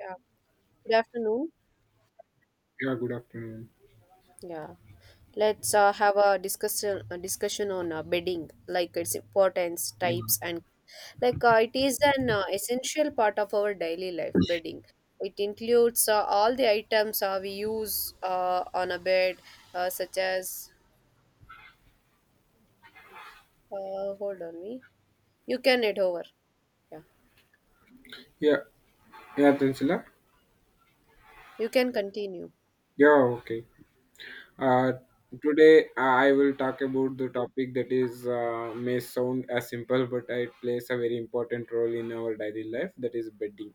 Yeah. Good afternoon. Yeah, good afternoon. Yeah. Let's have a discussion on bedding, like its importance, Yeah, types, and it is an essential part of our daily life. Bedding. It includes all the items we use on a bed, such as. Hold on, me. You can head over. Yeah. yeah, yeah, Tansila. You can continue. Yeah, okay. Uh, today I will talk about the topic that is may sound as simple, but it plays a very important role in our daily life. That is bedding.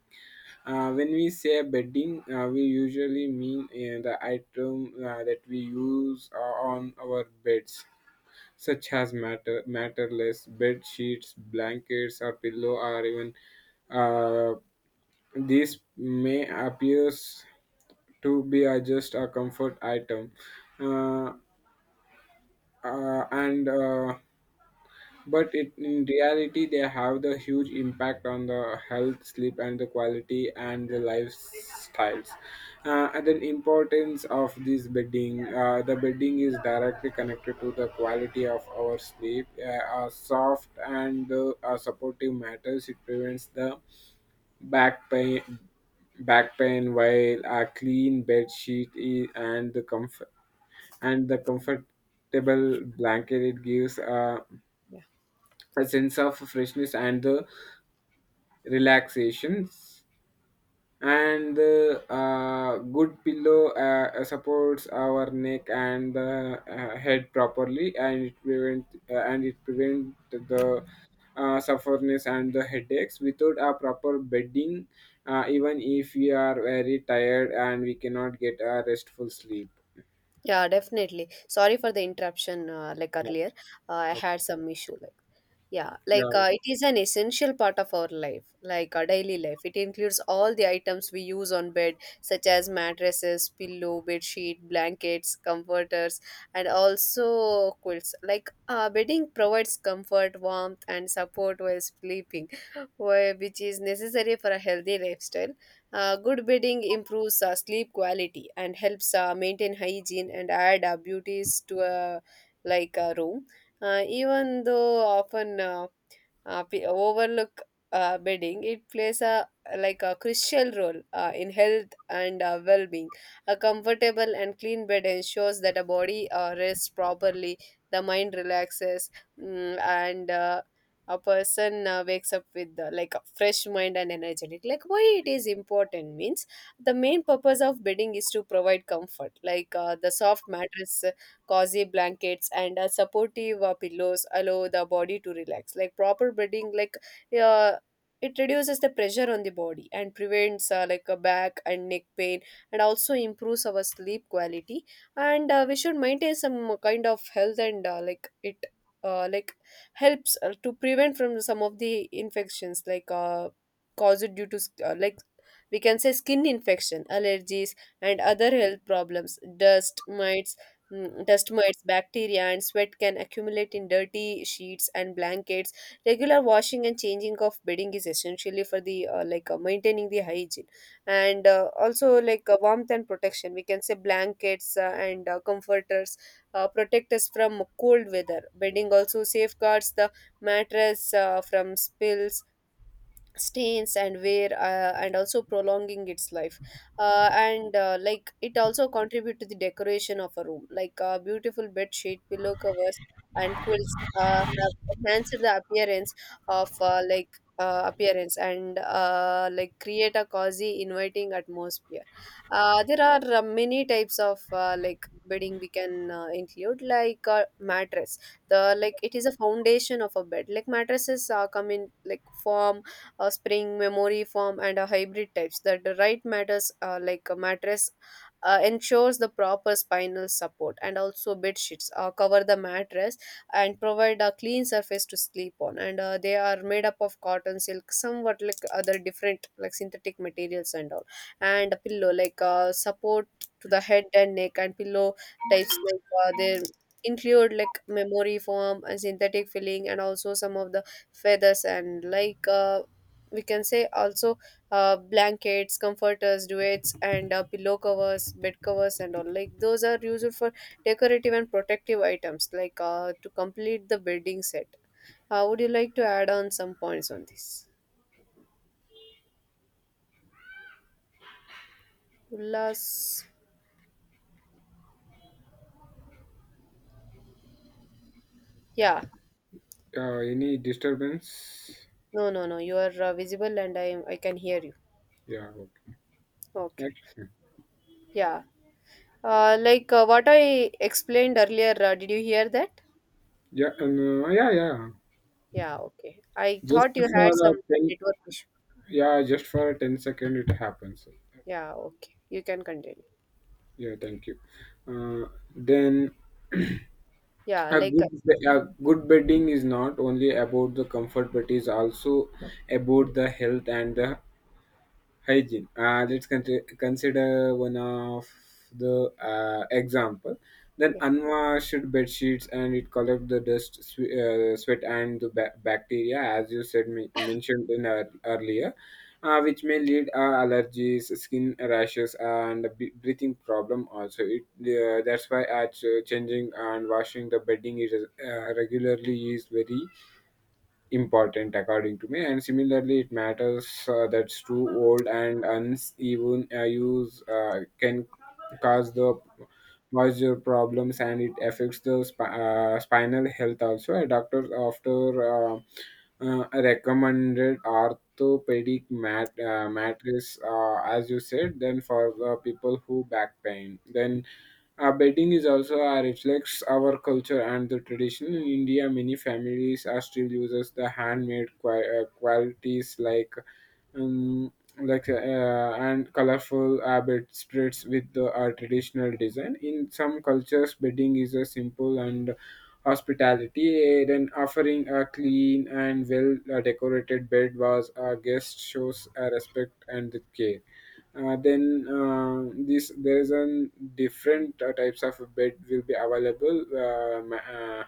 When we say bedding, we usually mean the item that we use on our beds. Such as matterless bed sheets, blankets, or pillow, or even uh, this may appears to be just a comfort item, uh, and but it, in reality they have the huge impact on the health sleep and the quality and the lifestyles. And the importance of this bedding, the bedding is directly connected to the quality of our sleep. A soft and a supportive matters, it prevents the back pain back pain while a clean bed sheet and the comfortable blanket, it gives a sense of freshness and the relaxations, and the good pillow supports our neck and the head properly, and it prevent the sufferness and the headaches. Without a proper bedding, even if we are very tired and we cannot get a restful sleep. Yeah, definitely. Sorry for the interruption, like Yeah, earlier. I okay. had some issue, yeah, Yeah. It is an essential part of our life, like our daily life. It includes all the items we use on bed, such as mattresses, pillow, bed sheet, blankets, comforters, and also quilts. Bedding provides comfort, warmth, and support while sleeping, which is necessary for a healthy lifestyle. Good bedding improves sleep quality and helps maintain hygiene and add beauties to a like a room. Even though often p- overlook bedding, it plays a like a crucial role in health and well-being. A comfortable and clean bed ensures that a body rests properly, the mind relaxes, mm, and a person wakes up with like a fresh mind and energetic. Like why it is important means the main purpose of bedding is to provide comfort. The soft mattress cozy blankets and supportive pillows allow the body to relax like proper bedding uh, it reduces the pressure on the body and prevents like a back and neck pain and also improves our sleep quality and we should maintain some kind of health and like it like helps to prevent from some of the infections caused due to we can say skin infection allergies and other health problems dust mites. Dust mites, bacteria, and sweat can accumulate in dirty sheets and blankets. Regular washing and changing of bedding is essentially for the maintaining the hygiene and also warmth and protection. We can say blankets and comforters protect us from cold weather. Bedding also safeguards the mattress from spills stains and wear and also prolonging its life and like it also contribute to the decoration of a room beautiful bed sheet pillow covers and quilts have enhanced the appearance of appearance and like create a cozy inviting atmosphere. There are many types of like bedding we can include mattress the like it is a foundation of a bed like mattresses come in like form a spring memory foam and a hybrid types that the right matters like a mattress ensures the proper spinal support and also bed sheets cover the mattress and provide a clean surface to sleep on and they are made up of cotton silk somewhat like other different like synthetic materials and all and a pillow support to the head and neck and pillow types they include like memory foam and synthetic filling and also some of the feathers and we can say also blankets comforters duets and pillow covers bed covers and all like those are used for decorative and protective items to complete the bedding set. Would you like to add on some points on this Ullas, yeah, Any disturbance? no, no, no, you are visible and I am. I can hear you. Yeah, okay. Okay. Okay. Yeah, what I explained earlier, did you hear that? Yeah. And, yeah, Yeah, okay. I just thought you for had a some 10. network issue. Yeah, just for a 10 second it happens. Yeah, okay, you can continue. Yeah, thank you. uh, then yeah like uh, a good bedding is not only about the comfort, but is also about the health and the hygiene. Let's consider one of the example. Then yeah, unwashed bed sheets and it collect the dust, sweat and the bacteria, as you said mentioned in earlier, which may lead allergies, skin rashes, and breathing problem. Also, it that's why at changing and washing the bedding is regularly is very important according to me. And similarly, it matters that's too old and uneven use can cause the moisture problems, and it affects the spinal health. Also, a doctor after uh, recommended orthopedic mattress, as you said, then for the people who back pain. Then our bedding is also reflects our culture and the tradition. In India, many families are still uses the handmade qualities, like, um, and colorful bedspreads with the, our traditional design. In some cultures, bedding is a simple and hospitality. Then offering a clean and well decorated bed was a guest shows a respect and care. Then This there is an different types of bed will be available, uh, ma- uh,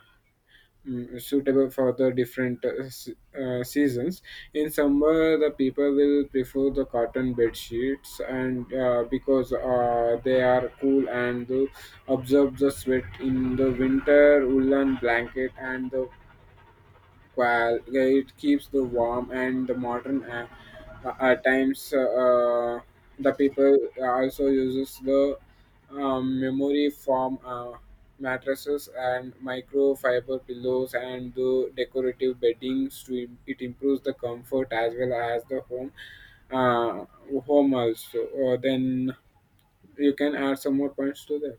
mm, suitable for the different seasons. In summer, the people will prefer the cotton bed sheets, and because they are cool and they absorb the sweat. In the winter, woolen blanket and the, well, it keeps the warm and the modern. At times, the people also uses the memory foam mattresses and microfiber pillows and the decorative beddings to it improves the comfort as well as the uh, home also. Then you can add some more points to that.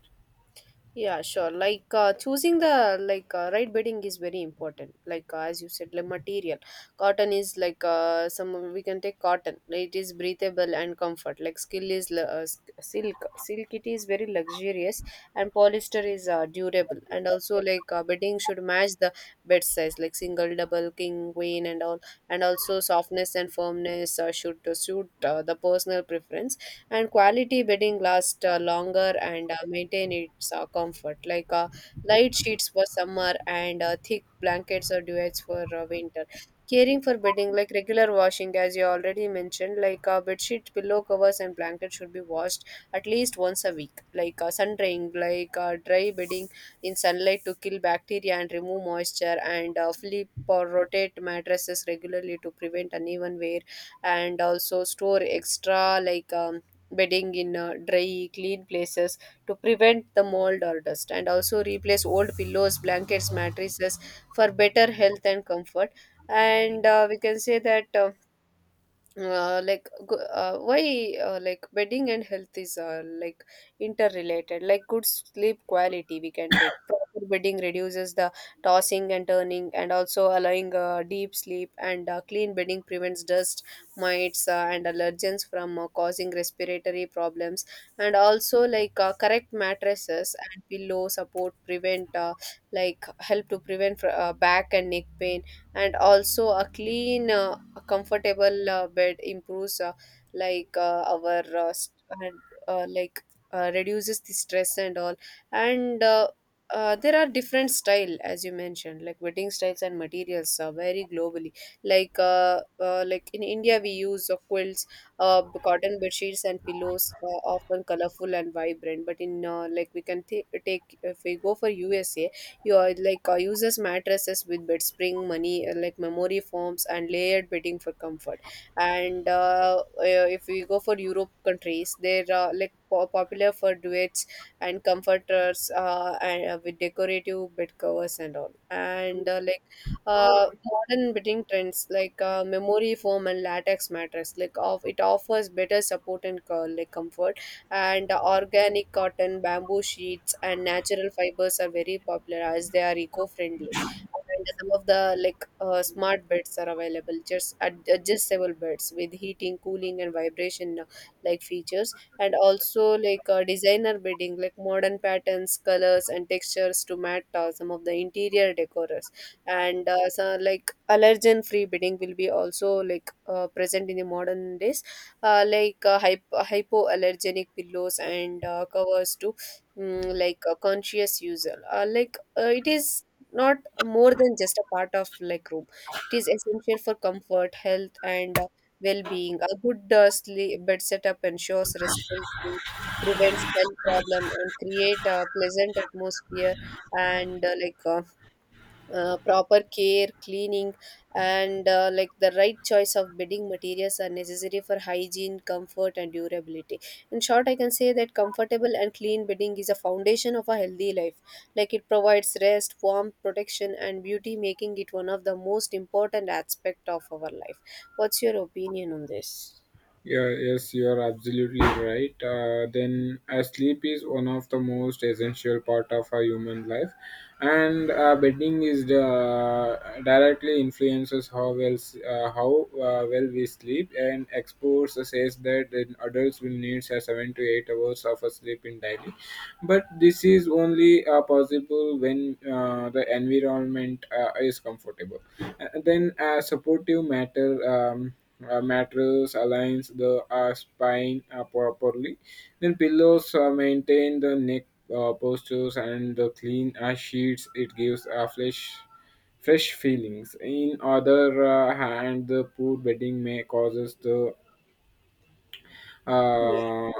yeah sure. Choosing the right bedding is very important, as you said, like material. Cotton is some we can take. Cotton, it is breathable and comfort. Like skill is l- uh, s- silk silk it is very luxurious and polyester is durable. And also bedding should match the bed size like single double king queen and all. And also softness and firmness should suit the personal preference, and quality bedding lasts longer and maintain its comfort. Light sheets for summer and thick blankets or duvets for winter. Caring for bedding like regular washing, as you already mentioned, bed sheet pillow covers and blankets should be washed at least once a week. Sun drying, dry bedding in sunlight to kill bacteria and remove moisture, and flip or rotate mattresses regularly to prevent uneven wear, and also store extra bedding in dry, clean places to prevent the mold or dust, and also replace old pillows, blankets, mattresses for better health and comfort. And we can say that. Like go- why like bedding and health is like interrelated. Like good sleep quality, we can take proper bedding reduces the tossing and turning, and also allowing deep sleep. And clean bedding prevents dust mites and allergens from causing respiratory problems. And also correct mattresses and pillow support prevent help to prevent back and neck pain. And also a clean a comfortable bed improves like our st- and, like reduces the stress and all. And there are different style, as you mentioned, like bedding styles and materials vary globally. Like in India we use quilts, cotton bed sheets and pillows, often colorful and vibrant. But in take, if we go for USA, your uses mattresses with bed spring money, like memory foams and layered bedding for comfort. And if we go for Europe countries, they're popular for duets and comforters, and with decorative bed covers and all. And modern bedding trends memory foam and latex mattress like of it offers better support and like comfort. And organic cotton, bamboo sheets, and natural fibers are very popular as they are eco-friendly. And some of the smart beds are available, just adjustable beds with heating, cooling, and vibration like features. And also designer bedding, like modern patterns, colors, and textures to match some of the interior decorers. And so like allergen free bedding will be also present in the modern days. Hypoallergenic pillows and covers to like a conscious user. It is not more than just a part of like room. It is essential for comfort, health, and well-being. A good sleep bed setup ensures restful sleep, prevents health problem, and create a pleasant atmosphere. And proper care cleaning and like the right choice of bedding materials are necessary for hygiene comfort and durability. In short, I can say that comfortable and clean bedding is a foundation of a healthy life. Like it provides rest warmth protection and beauty, making it one of the most important aspect of our life. What's your opinion on this? Yeah, yes, you are absolutely right. Then, sleep is one of the most essential part of our human life, and bedding is the, directly influences how well how well we sleep. And experts says that in adults will need a 7 to 8 hours of a sleep in daily, but this is only possible when the environment is comfortable. Then supportive matter mattress aligns the spine properly. Then pillows maintain the neck postures, and the clean sheets it gives fresh feelings. In other hand, the poor bedding may causes the Yeah. uh,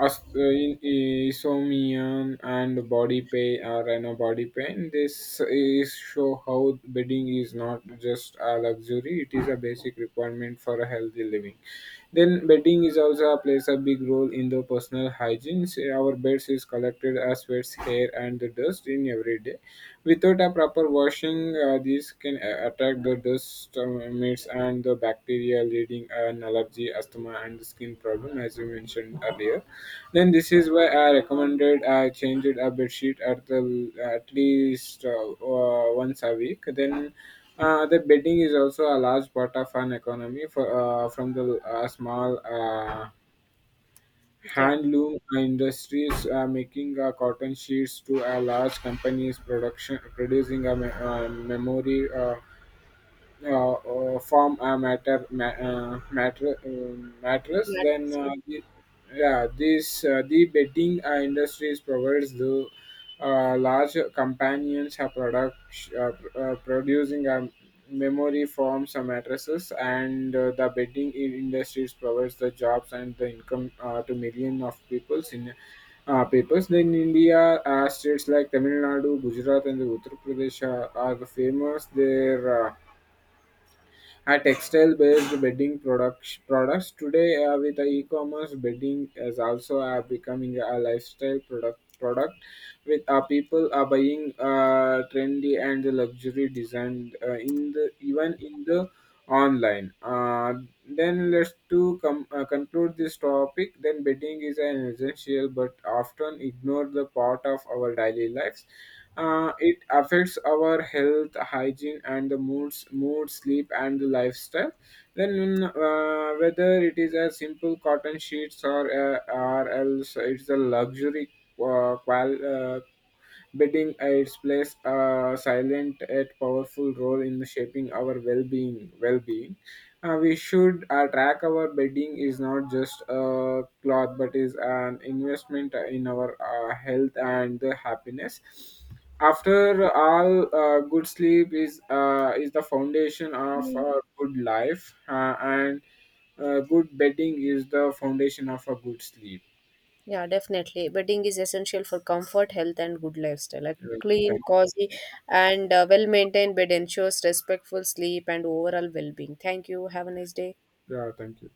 as in insomnia and body pain, this is show how bedding is not just a luxury; it is a basic requirement for a healthy living. Then bedding is also plays a big role in the personal hygiene. Say, our beds is collected as sweats, hair, and the dust in every day. Without a proper washing, these can attack the dust mites and the bacteria, leading an allergy, asthma, and skin problem, as we mentioned earlier. Then this is why I recommended I change it a bed sheet at least, once a week. Then the bedding is also a large part of an economy for from the small. Yeah. Handloom industries are making cotton sheets to a large companies production producing a memory form a matter ma- matter mattress. Yeah, Then that's the, yeah this the betting industries provides the large companions have product producing a memory forms and mattresses, and the betting industries provides the jobs and the income to million of peoples in papers. Then India, states like Tamil Nadu, Gujarat, and the Uttar Pradesh are the famous. Their are textile-based bedding products. Products today, with the e-commerce, bedding is also becoming a lifestyle product. Product with people are buying trendy and luxury design in the even in the online. Then let's conclude this topic. Then bedding is an essential but often ignored the part of our daily lives. It affects our health, hygiene, and the mood, sleep, and the lifestyle. Then, whether it is a simple cotton sheets or else it's a luxury uh, qual- uh, bedding, it's plays a silent yet powerful role in shaping our well-being. Well-being. We should track our bedding is not just a cloth, but is an investment in our health and the happiness. After all, good sleep is the foundation of it. a good life, and good bedding is the foundation of a good sleep. Yeah, definitely. Bedding is essential for comfort, health, and good lifestyle. A Uh, clean, Thank, cozy, and well maintained bed ensures respectful sleep and overall well being. Thank you. Have a nice day. yeah, thank you.